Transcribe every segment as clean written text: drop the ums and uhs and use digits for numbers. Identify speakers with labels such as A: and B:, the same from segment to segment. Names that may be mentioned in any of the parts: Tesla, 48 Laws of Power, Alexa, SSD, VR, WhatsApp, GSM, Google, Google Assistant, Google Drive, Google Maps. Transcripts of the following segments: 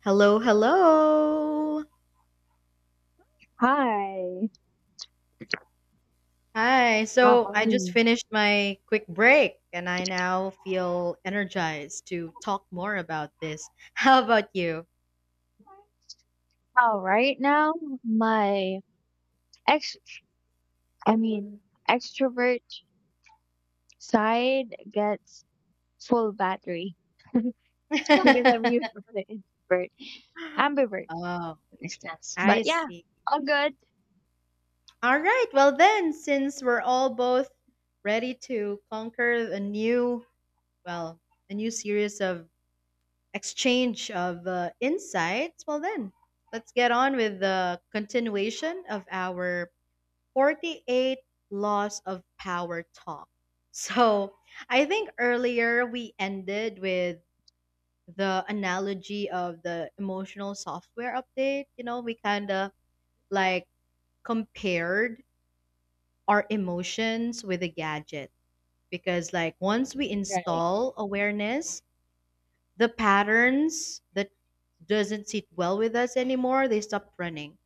A: Hello, hello.
B: Hi.
A: Hi.
B: How
A: So
B: are
A: I just
B: you?
A: finished my quick break and I now feel energized to talk more about this. How about you?
B: Oh, right now, my ex, I mean, extrovert side gets full battery because I'm usually the introvert, ambivert,
A: Oh,
B: in a sense.
A: I
B: But yeah,
A: see.
B: all good.
A: All right. Well, then, since we're all both ready to conquer well, a new series of exchange of insights, well, then, let's get on with the continuation of our 48 Laws of Power Talk. So I think earlier we ended with the analogy of the emotional software update. You know, we kind of like compared our emotions with a gadget because, like, once we
B: Right.
A: install awareness, the patterns that doesn't sit well with us anymore, they stop running.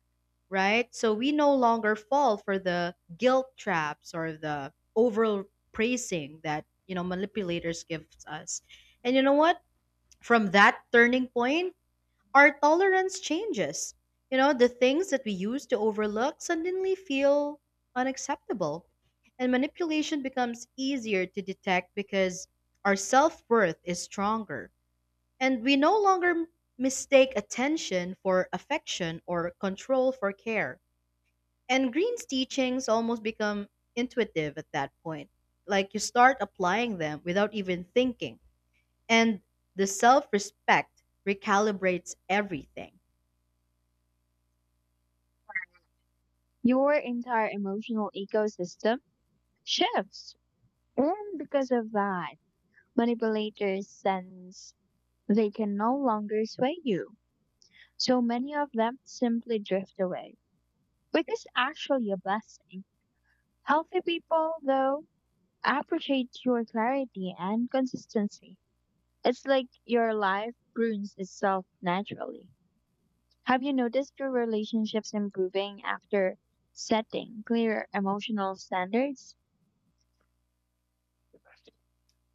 A: Right? So we no longer fall for the guilt traps or the overpraising that manipulators give us. And you know what? From that turning point, our tolerance changes. The things that we used to overlook suddenly feel unacceptable. And manipulation becomes easier to detect because our self worth is stronger. And we no longer mistake attention for affection or control for care and Green's teachings almost become intuitive at that point. Like you start applying them without even thinking. And the self respect recalibrates everything.
B: Your entire emotional ecosystem shifts. And because of that, manipulators sense they can no longer sway you. So many of them simply drift away, which is actually a blessing. Healthy people, though, appreciate your clarity and consistency. It's like your life prunes itself naturally. Have you noticed your relationships improving after setting clear emotional standards?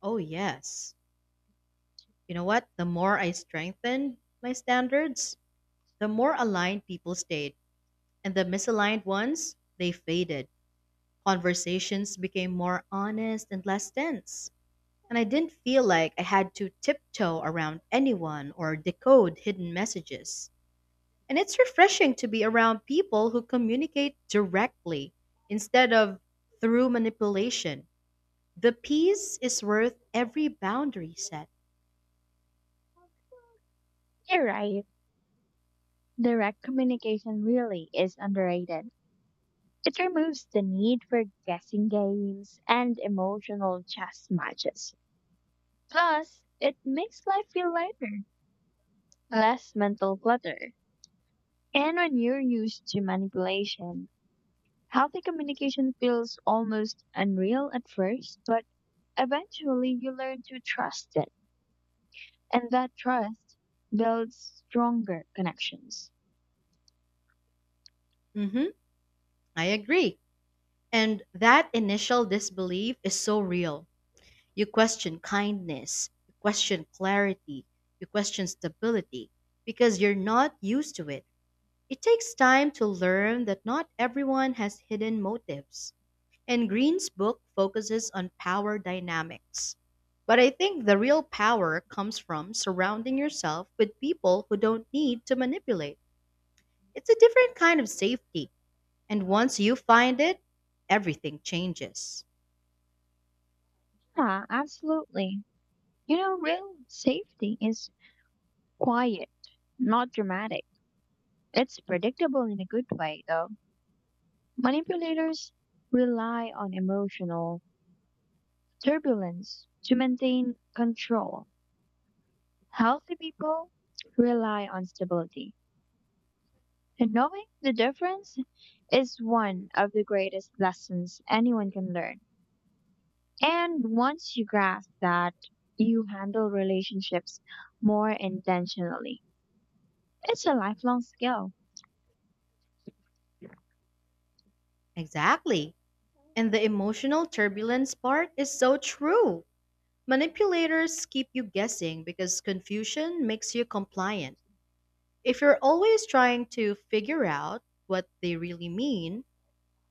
A: Oh, yes. You know what? The more I strengthened my standards, the more aligned people stayed. And the misaligned ones, they faded. Conversations became more honest and less tense. And I didn't feel like I had to tiptoe around anyone or decode hidden messages. And it's refreshing to be around people who communicate directly instead of through manipulation. The peace is worth every boundary set.
B: You're right. Direct communication really is underrated. It removes the need for guessing games and emotional chess matches. Plus, it makes life feel lighter, less mental clutter. And when you're used to manipulation, healthy communication feels almost unreal at first, but eventually you learn to trust it. And that trust builds stronger connections.
A: Hmm. I agree. And that initial disbelief is so real. You question kindness, you question clarity, you question stability because you're not used to it. It takes time to learn that not everyone has hidden motives. And Green's book focuses on power dynamics. But I think the real power comes from surrounding yourself with people who don't need to manipulate. It's a different kind of safety. And once you find it, everything changes.
B: Yeah, absolutely. You know, real safety is quiet, not dramatic. It's predictable in a good way, though. Manipulators rely on emotional turbulence to maintain control. Healthy people rely on stability. And knowing the difference is one of the greatest lessons anyone can learn. And once you grasp that, you handle relationships more intentionally. It's a lifelong skill.
A: Exactly. And the emotional turbulence part is so true. Manipulators keep you guessing because confusion makes you compliant. If you're always trying to figure out what they really mean,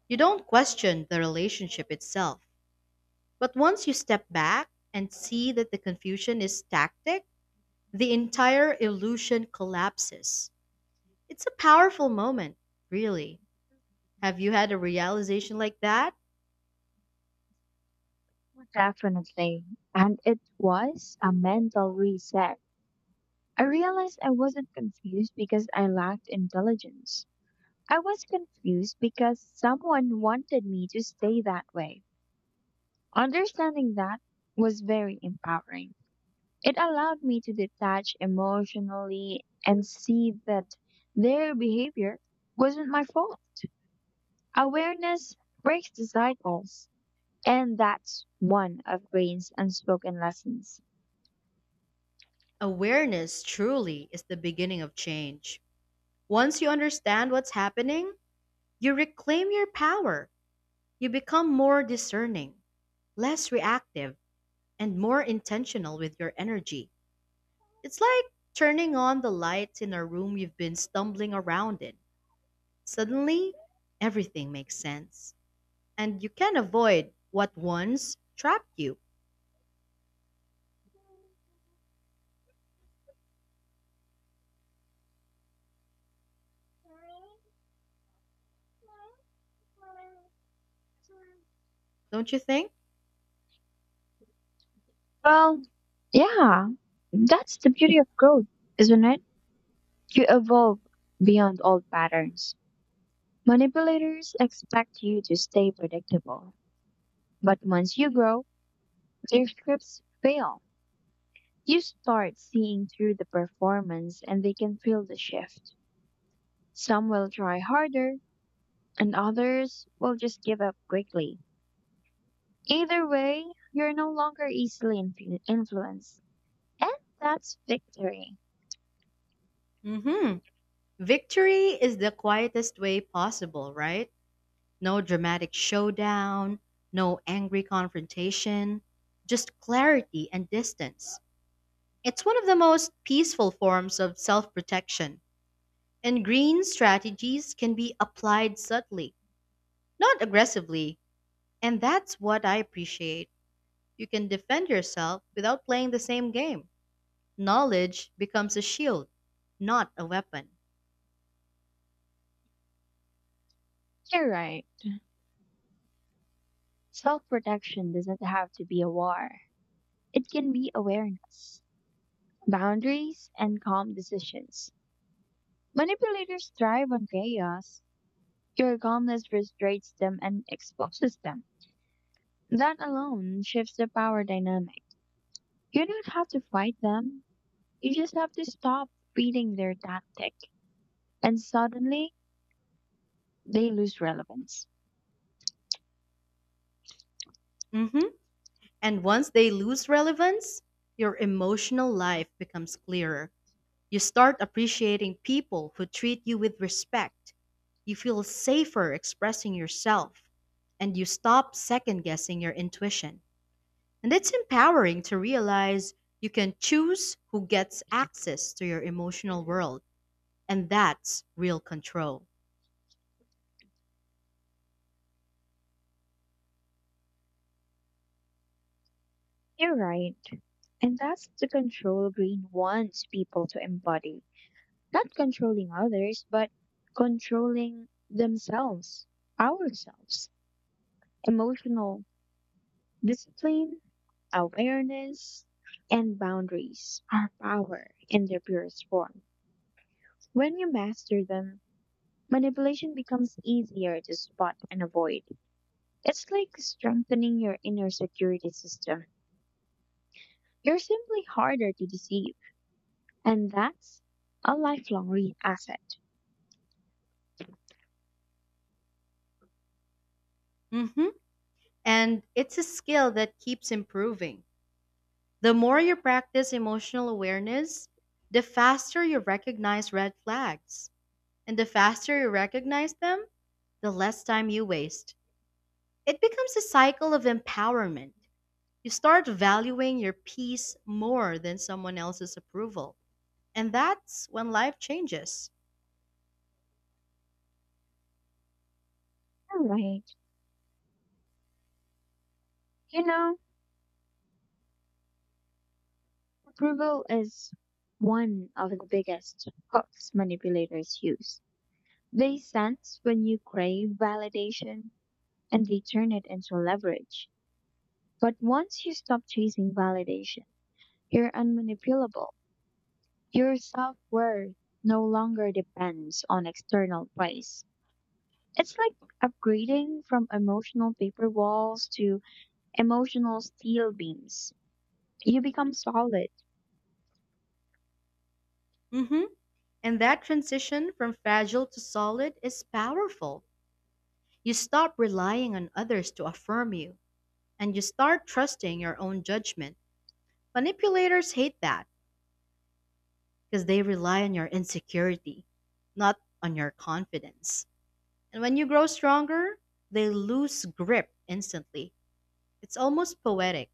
A: you don't question the relationship itself. But once you step back and see that the confusion is tactic, the entire illusion collapses. It's a powerful moment, really. Have you had a realization like that?
B: Definitely. And it was a mental reset. I realized I wasn't confused because I lacked intelligence. I was confused because someone wanted me to stay that way. Understanding that was very empowering. It allowed me to detach emotionally and see that their behavior wasn't my fault. Awareness breaks the cycles, and that's one of Green's unspoken lessons.
A: Awareness truly is the beginning of change. Once you understand what's happening, you reclaim your power. You become more discerning, less reactive, and more intentional with your energy. It's like turning on the lights in a room you've been stumbling around in. Suddenly, everything makes sense. And you can avoid what once trapped you, don't you think?
B: Well, yeah, that's the beauty of growth, isn't it? You evolve beyond old patterns. Manipulators expect you to stay predictable. But once you grow, their scripts fail. You start seeing through the performance and they can feel the shift. Some will try harder and others will just give up quickly. Either way, you're no longer easily influenced. And that's victory.
A: Hmm. Victory is the quietest way possible, right? No dramatic showdown, no angry confrontation, just clarity and distance. It's one of the most peaceful forms of self protection, and green strategies can be applied subtly, not aggressively, and that's what I appreciate. You can defend yourself without playing the same game. Knowledge becomes a shield, not a weapon.
B: You're right. Self protection doesn't have to be a war, it can be awareness, boundaries, and calm decisions. Manipulators thrive on chaos. Your calmness frustrates them and exposes them. That alone shifts the power dynamic. You don't have to fight them. You just have to stop feeding their tactic. And suddenly, they lose relevance.
A: Hmm. And once they lose relevance, your emotional life becomes clearer. You start appreciating people who treat you with respect. You feel safer expressing yourself, and you stop second guessing your intuition. And it's empowering to realize you can choose who gets access to your emotional world. And that's real control.
B: You're right. And that's the control Green wants people to embody. Not controlling others, but controlling themselves, ourselves. Emotional discipline, awareness, and boundaries are power in their purest form. When you master them, manipulation becomes easier to spot and avoid. It's like strengthening your inner security system. You're simply harder to deceive, and that's a lifelong asset.
A: Hmm. And it's a skill that keeps improving. The more you practice emotional awareness, the faster you recognize red flags. And the faster you recognize them, the less time you waste. It becomes a cycle of empowerment. You start valuing your peace more than someone else's approval. And that's when life changes.
B: All right. You know, approval is one of the biggest hooks manipulators use. They sense when you crave validation, and they turn it into leverage. But once you stop chasing validation, you're unmanipulable. Your self worth no longer depends on external praise. It's like upgrading from emotional paper walls to emotional steel beams. You become solid.
A: Hmm. And that transition from fragile to solid is powerful. You stop relying on others to affirm you, and you start trusting your own judgment. Manipulators hate that because they rely on your insecurity, not on your confidence. And when you grow stronger, they lose grip instantly. It's almost poetic.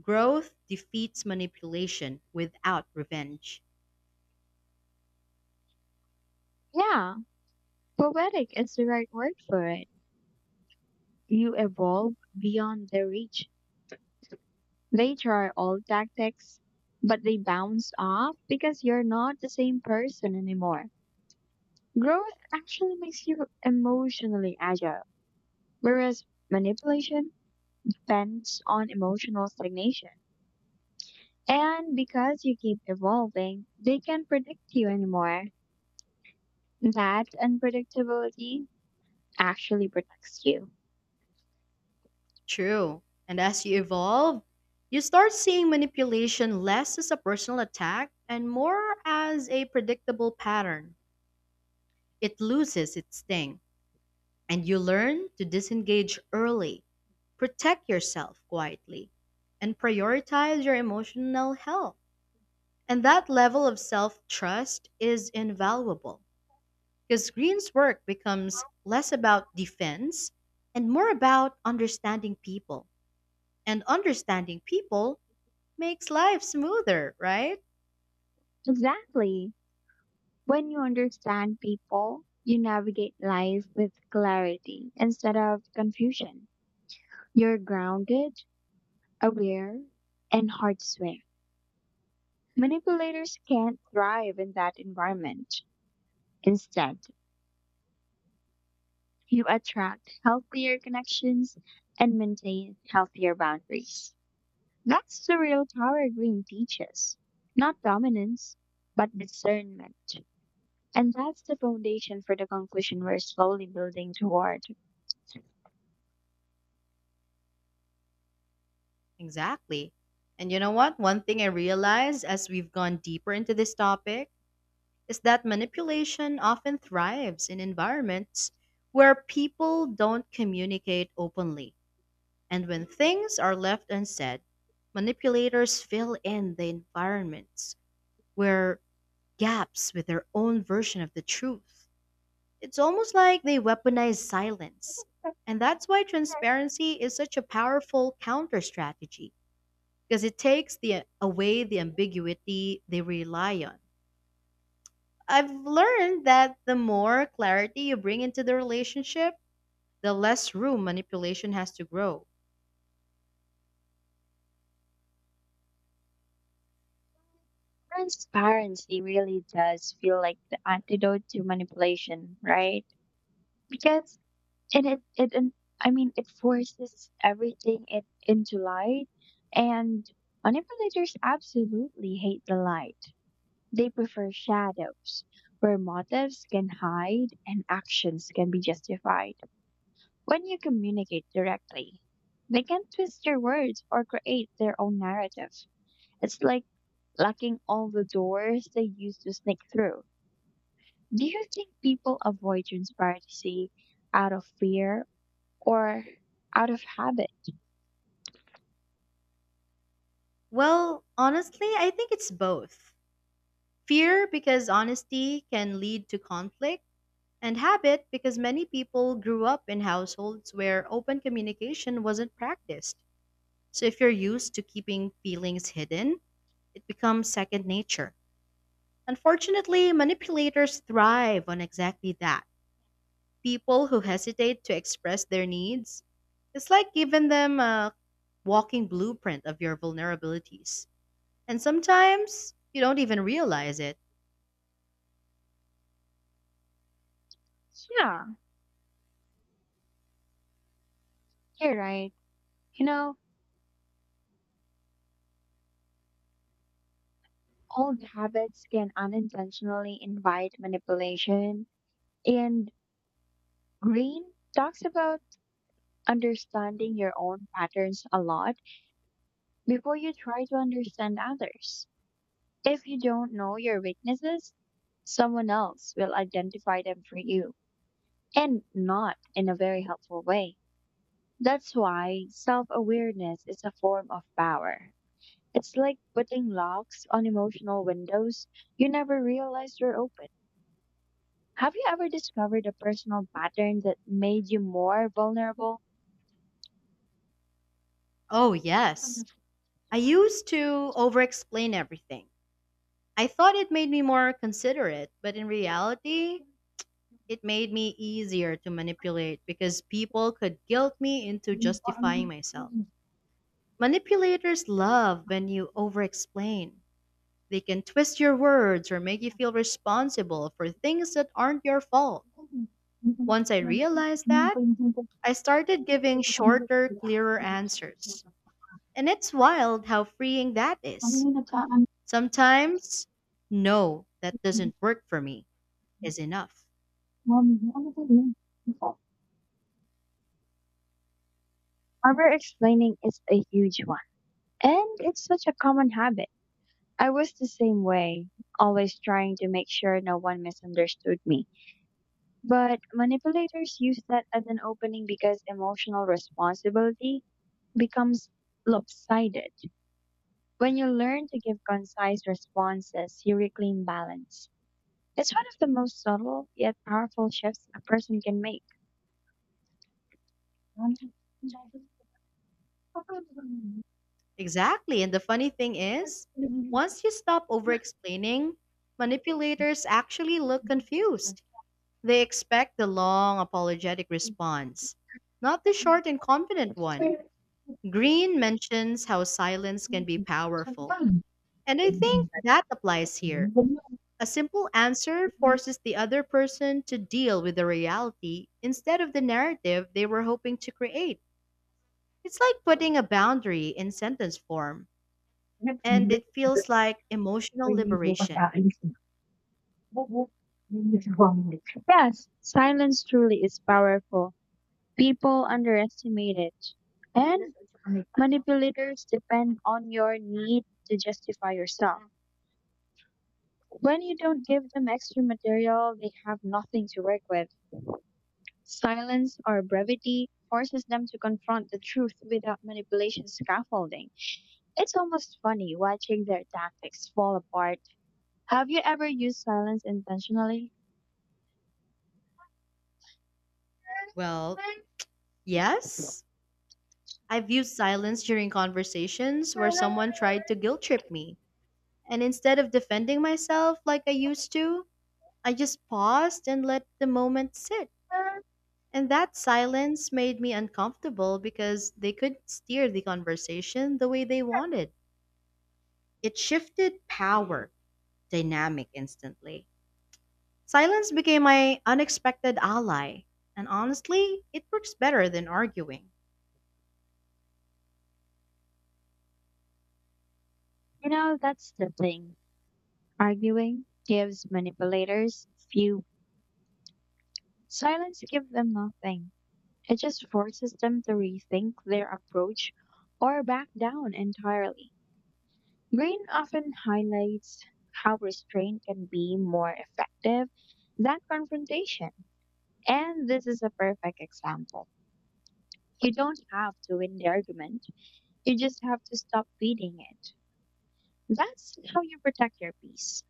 A: Growth defeats manipulation without revenge.
B: Yeah, poetic is the right word for it. You evolve beyond their reach. They try all tactics, but they bounce off because you're not the same person anymore. Growth actually makes you emotionally agile, whereas manipulation depends on emotional stagnation. And because you keep evolving, they can not predict you anymore. That unpredictability actually protects you.
A: True. And as you evolve, you start seeing manipulation less as a personal attack and more as a predictable pattern. It loses its sting, and you learn to disengage early, protect yourself quietly, and prioritize your emotional health. And that level of self trust is invaluable because Green's work becomes less about defense and more about understanding people. And understanding people makes life smoother, right?
B: Exactly. When you understand people, you navigate life with clarity instead of confusion. You're grounded, aware, and hard to swing. Manipulators can't thrive in that environment. Instead, you attract healthier connections and maintain healthier boundaries. That's the real power Green teaches. Not dominance, but discernment. And that's the foundation for the conclusion we're slowly building toward.
A: Exactly. And you know what? One thing I realized as we've gone deeper into this topic is that manipulation often thrives in environments where people don't communicate openly. And when things are left unsaid, manipulators fill in the environments where gaps with their own version of the truth. It's almost like they weaponize silence. And that's why transparency is such a powerful counter strategy because it takes away the ambiguity they rely on. I've learned that the more clarity you bring into the relationship, the less room manipulation has to grow.
B: Transparency really does feel like the antidote to manipulation, right? Because and it and I mean, it forces everything it into light, and manipulators absolutely hate the light. They prefer shadows where motives can hide and actions can be justified. When you communicate directly, they can twist your words or create their own narrative. It's like locking all the doors they used to sneak through. Do you think people avoid transparency out of fear or out of habit?
A: Well, honestly, I think it's both. Fear because honesty can lead to conflict, and habit because many people grew up in households where open communication wasn't practiced. So if you're used to keeping feelings hidden, it becomes second nature. Unfortunately, manipulators thrive on exactly that. People who hesitate to express their needs, it's like giving them a walking blueprint of your vulnerabilities. And sometimes you don't even realize it.
B: Yeah. You're right. You know, old habits can unintentionally invite manipulation. And Green talks about understanding your own patterns a lot before you try to understand others. If you don't know your weaknesses, someone else will identify them for you, and not in a very helpful way. That's why self awareness is a form of power. It's like putting locks on emotional windows you never realized were open. Have you ever discovered a personal pattern that made you more vulnerable?
A: Oh, yes. I used to over explain everything. I thought it made me more considerate, but in reality, it made me easier to manipulate because people could guilt me into justifying myself. Manipulators love when you overexplain. They can twist your words or make you feel responsible for things that aren't your fault. Once I realized that, I started giving shorter, clearer answers. And it's wild how freeing that is. Sometimes, no, that doesn't work for me is enough.
B: Over explaining is a huge one, and it's such a common habit. I was the same way, always trying to make sure no one misunderstood me. But manipulators use that as an opening because emotional responsibility becomes lopsided. When you learn to give concise responses, you reclaim balance. It's one of the most subtle yet powerful shifts a person can make.
A: Exactly. And the funny thing is, once you stop over explaining, manipulators actually look confused. They expect the long, apologetic response, not the short and confident one. Green mentions how silence can be powerful. And I think that applies here. A simple answer
B: Ừm,
A: forces the other person to deal with the reality instead of the narrative they were hoping to create. It's like putting a boundary in sentence form.
B: nhất mình
A: And it
B: biết
A: feels like emotional liberation.
B: Yes, silence truly is powerful. People underestimate it. And manipulators depend on your need to justify yourself. When you don't give them extra material, they have nothing to work with. Silence or brevity forces them to confront the truth without manipulation scaffolding. It's almost funny watching their tactics fall apart. Have you ever used silence intentionally?
A: Well, yes, I've used silence during conversations where someone tried to guilt trip me. And instead of defending myself like I used to, I just paused and let the moment sit. And that silence made me uncomfortable because they couldn't steer the conversation the way they wanted. It shifted power dynamic instantly. Silence became my unexpected ally, and honestly, it works better than arguing.
B: You know, that's the thing. Arguing gives manipulators few. Silence gives them nothing. It just forces them to rethink their approach or back down entirely. Green often highlights how restraint can be more effective than confrontation. And this is a perfect example. You don't have to win the argument. You just have to stop feeding it. That's how you protect your peace.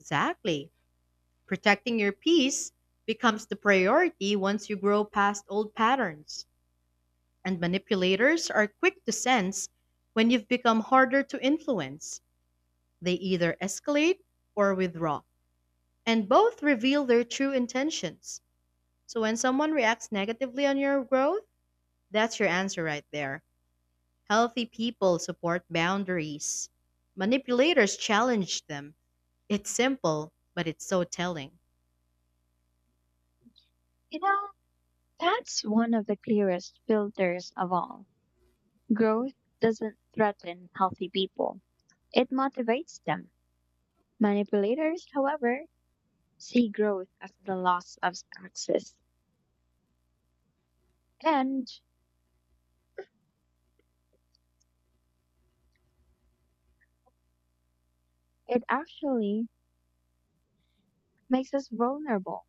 A: Exactly. Protecting your peace becomes the priority once you grow past old patterns, and manipulators are quick to sense when you've become harder to influence. They either escalate or withdraw, and both reveal their true intentions. So when someone reacts negatively on your growth, that's your answer right there. Healthy people support boundaries. Manipulators challenge them. It's simple, but it's so telling.
B: You know, that's one of the clearest filters of all. Growth doesn't threaten healthy people, it motivates them. Manipulators, however, see growth as the loss of access, and it actually makes us vulnerable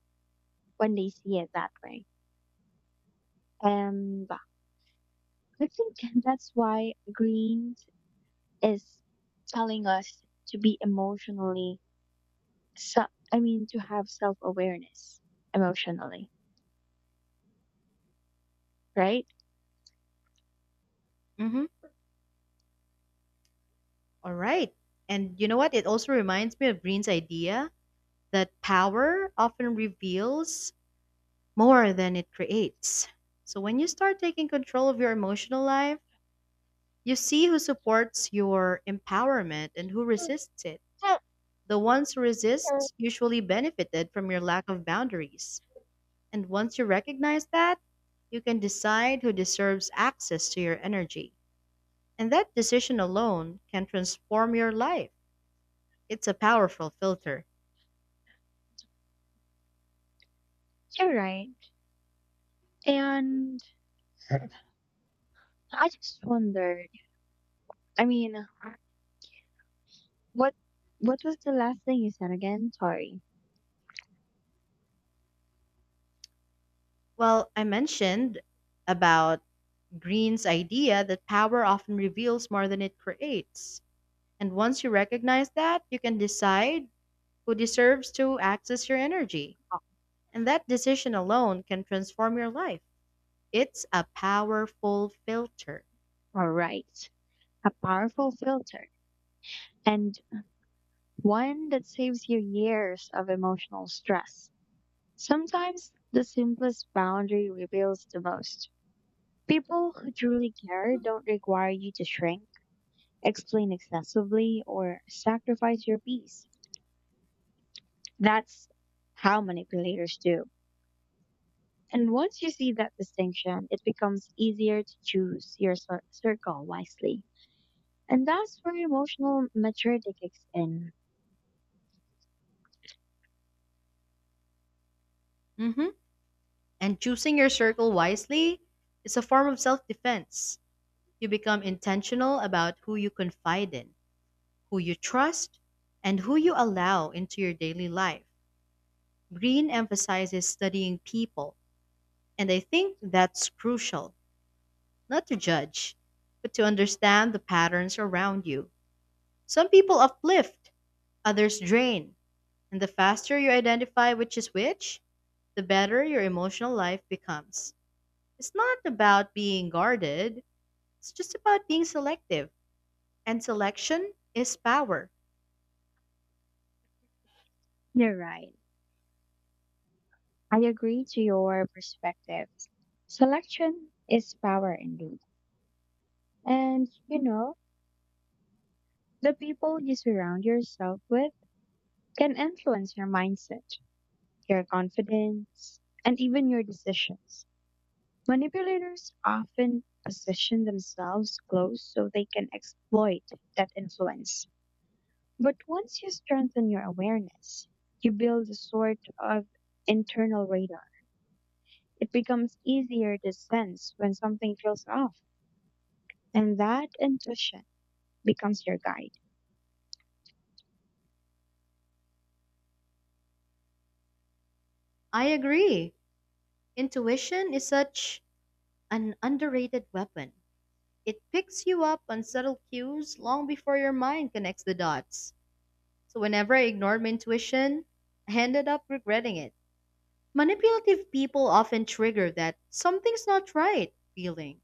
B: when they see it that way. And I think that's why Greens is telling us to be emotionally, so, I mean, to have self-awareness emotionally, right?
A: Hmm. All right. And you know what? It also reminds me of Green's idea that power often reveals more than it creates. So when you start taking control of your emotional life, you see who supports your empowerment and who resists it. The ones who resist usually benefited from your lack of boundaries. And once you recognize that, you can decide who deserves access to your energy. And that decision alone can transform your life. It's a powerful filter.
B: You're right. And I just wondered, I mean, what what was the last thing you said again? Sorry.
A: Well, I mentioned about Green's idea that power often reveals more than it creates. And once you recognize that, you can decide who deserves to access your energy.
B: Oh,
A: And that decision alone can transform your life. It's a powerful filter.
B: all right. A powerful filter, and one that saves you years of emotional stress. Sometimes the simplest boundary reveals the most. People who truly care don't require you to shrink, explain excessively, or sacrifice your peace. That's how manipulators do. And once you see that distinction, it becomes easier to choose your circle wisely. And that's where emotional maturity kicks in.
A: Hmm. And choosing your circle wisely is a form of self defense. You become intentional about who you confide in, who you trust, and who you allow into your daily life. Green emphasizes studying people, and I think that's crucial, not to judge, but to understand the patterns around you. Some people uplift, others drain, and the faster you identify which is which, the better your emotional life becomes. It's not about being guarded, it's just about being selective, and selection is power.
B: You're right. I agree to your perspective. Selection is power indeed. And you know, the people you surround yourself with can influence your mindset, your confidence, and even your decisions. Manipulators often position themselves close so they can exploit that influence. But once you strengthen your awareness, you build a sort of internal radar. It becomes easier to sense when something feels off, and that intuition becomes your guide.
A: I agree. Intuition is such an underrated weapon. It picks you up on subtle cues long before your mind connects the dots. So, whenever I ignored my intuition, I ended up regretting it. Manipulative people often trigger that something's not right feeling,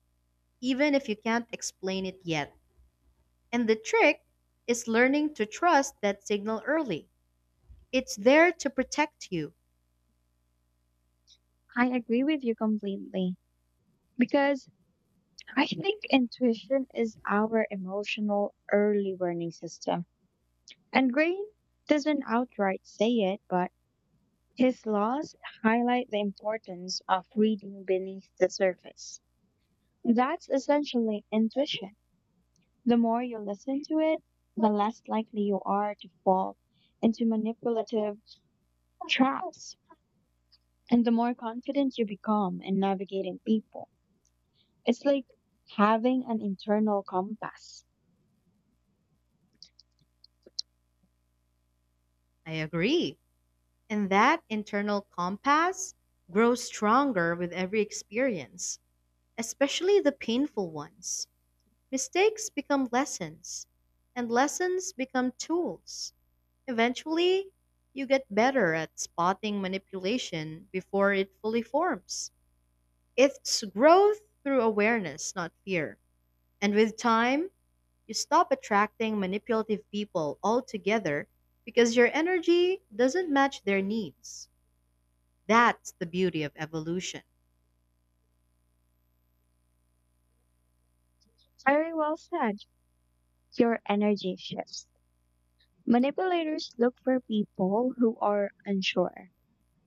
A: even if you can't explain it yet. And the trick is learning to trust that signal early. It's there to protect you.
B: I agree with you completely because I think intuition is our emotional early warning system. And Green doesn't outright say it, but his laws highlight the importance of reading beneath the surface. That's essentially intuition. The more you listen to it, the less likely you are to fall into manipulative traps, and the more confident you become in navigating people. It's like having an internal compass.
A: I agree. And that internal compass grows stronger with every experience, especially the painful ones. Mistakes become lessons, and lessons become tools. Eventually, you get better at spotting manipulation before it fully forms. It's growth through awareness, not fear. And with time, you stop attracting manipulative people altogether because your energy doesn't match their needs. That's the beauty of evolution.
B: Very well said. Your energy shifts. Manipulators look for people who are unsure,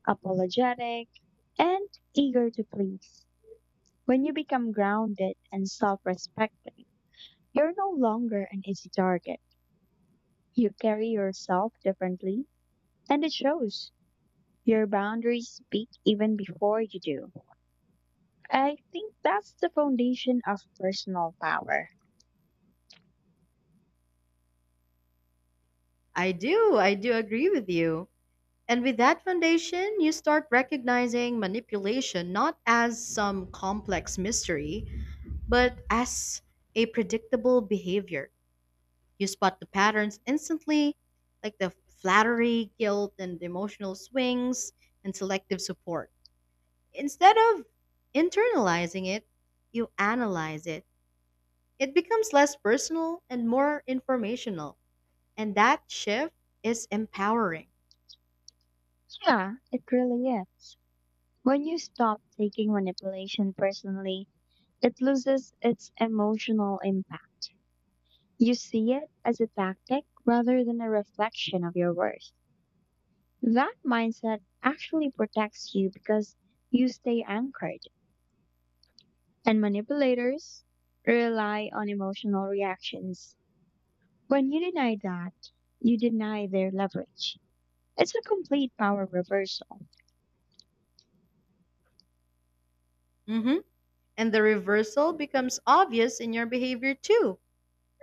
B: apologetic, and eager to please. When you become grounded and self respecting, you're no longer an easy target. You carry yourself differently, and it shows. Your boundaries speak even before you do. I think that's the foundation of personal power.
A: I do agree with you. And with that foundation, you start recognizing manipulation not as some complex mystery, but as a predictable behavior. You spot the patterns instantly, like the flattery, guilt, and emotional swings, and selective support. Instead of internalizing it, you analyze it. It becomes less personal and more informational. And that shift is empowering.
B: Yeah, it really is. When you stop taking manipulation personally, it loses its emotional impact. You see it as a tactic rather than a reflection of your worth. That mindset actually protects you because you stay anchored, and manipulators rely on emotional reactions. When you deny that, you deny their leverage. It's a complete power reversal.
A: Mm-hmm. And the reversal becomes obvious in your behavior too.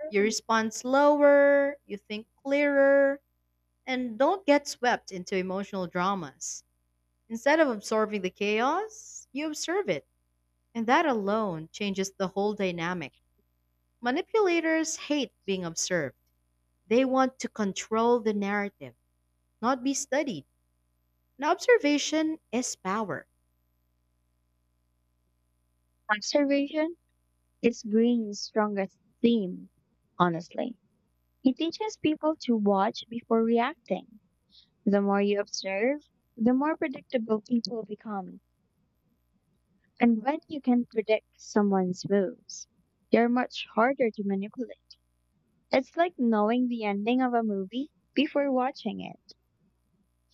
A: You respond slower, you think clearer, and don't get swept into emotional dramas. Instead of absorbing the chaos, you observe it. And that alone changes the whole dynamic. Manipulators hate being observed, they want to control the narrative, not be studied. And observation is power.
B: Observation is Green's strongest theme, honestly. He teaches people to watch before reacting. The more you observe, the more predictable people become. And when you can predict someone's moves, they're much harder to manipulate. It's like knowing the ending of a movie before watching it.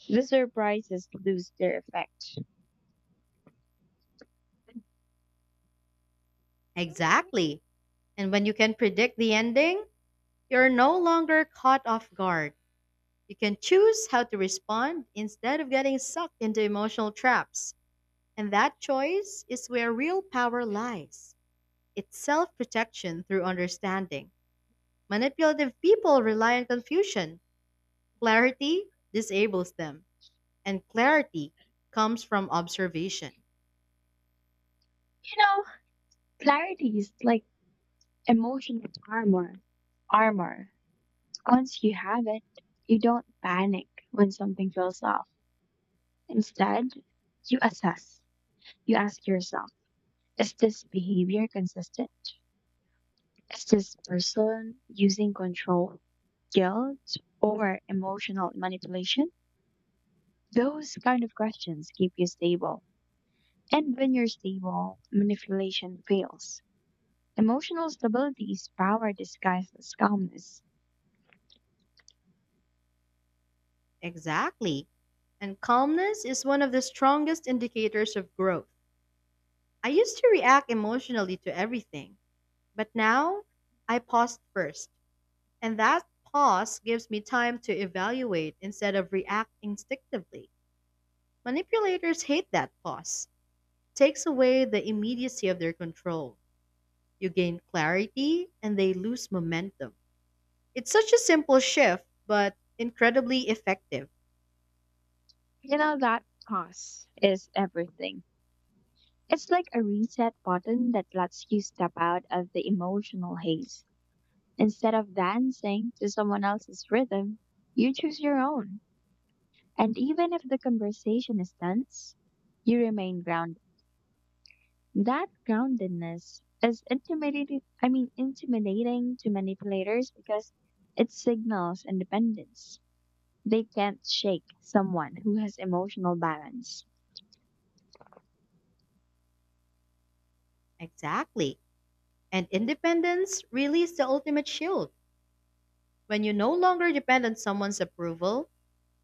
B: The surprises lose their effect. You
A: Exactly. And when you can predict the ending, you're no longer caught off guard. You can choose how to respond instead of getting sucked into emotional traps. And that choice is where real power lies. It's self protection through understanding. Manipulative people rely on confusion. Clarity disables them. And clarity comes from observation.
B: know, clarity is like emotional armor. Armor. Once you have it, you don't panic when something feels off. Instead, you assess. You ask yourself, is this behavior consistent? Is this person using control, guilt, or emotional manipulation? Those kind of questions keep you stable. And when you're stable, manipulation fails. Emotional stability is power disguised as calmness.
A: Exactly. And calmness is one of the strongest indicators of growth. I used to react emotionally to everything. But now I paused first, and that pause gives me time to evaluate instead of react instinctively. Manipulators hate that pause. Takes away the immediacy of their control. You gain clarity and they lose momentum. It's such a simple shift, but incredibly effective.
B: You know, that pause is everything. It's like a reset button that lets you step out of the emotional haze. Instead of dancing to someone else's rhythm, you choose your own. And even if the conversation is tense, you remain grounded. That groundedness is intimidating, I mean, intimidating to manipulators because it signals independence. They can't shake someone who has emotional balance.
A: Exactly. And independence really is the ultimate shield. When you no longer depend on someone's approval,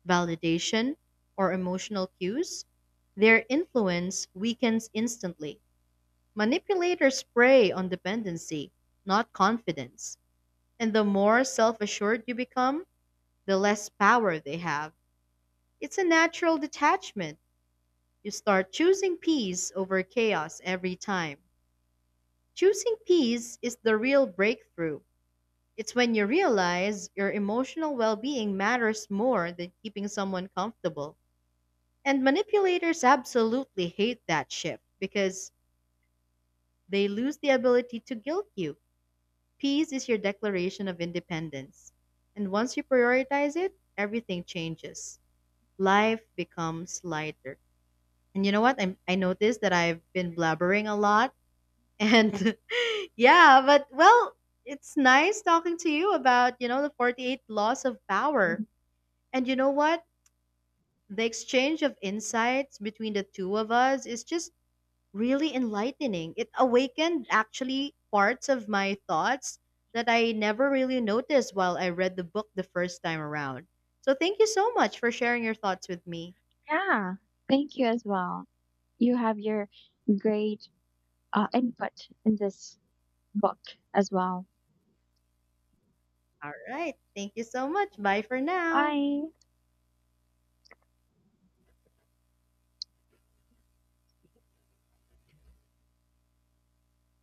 A: validation, or emotional cues, their influence weakens instantly. Manipulators prey on dependency, not confidence. And the more self assured you become, the less power they have. It's a natural detachment. You start choosing peace over chaos every time. Choosing peace is the real breakthrough. It's when you realize your emotional well being matters more than keeping someone comfortable. And manipulators absolutely hate that shift because they lose the ability to guilt you. Peace is your declaration of independence. And once you prioritize it, everything changes. Life becomes lighter. And you know what? I noticed that I've been blabbering a lot. And yeah, but well, it's nice talking to you about, the 48 laws of power. And you know what? The exchange of insights between the two of us is just really enlightening. It awakened actually parts of my thoughts that I never really noticed while I read the book the first time around. So thank you so much for sharing your thoughts with me.
B: Yeah, thank you as well. You have your great input in this book as well.
A: All right. Thank you so much. Bye for now.
B: Bye.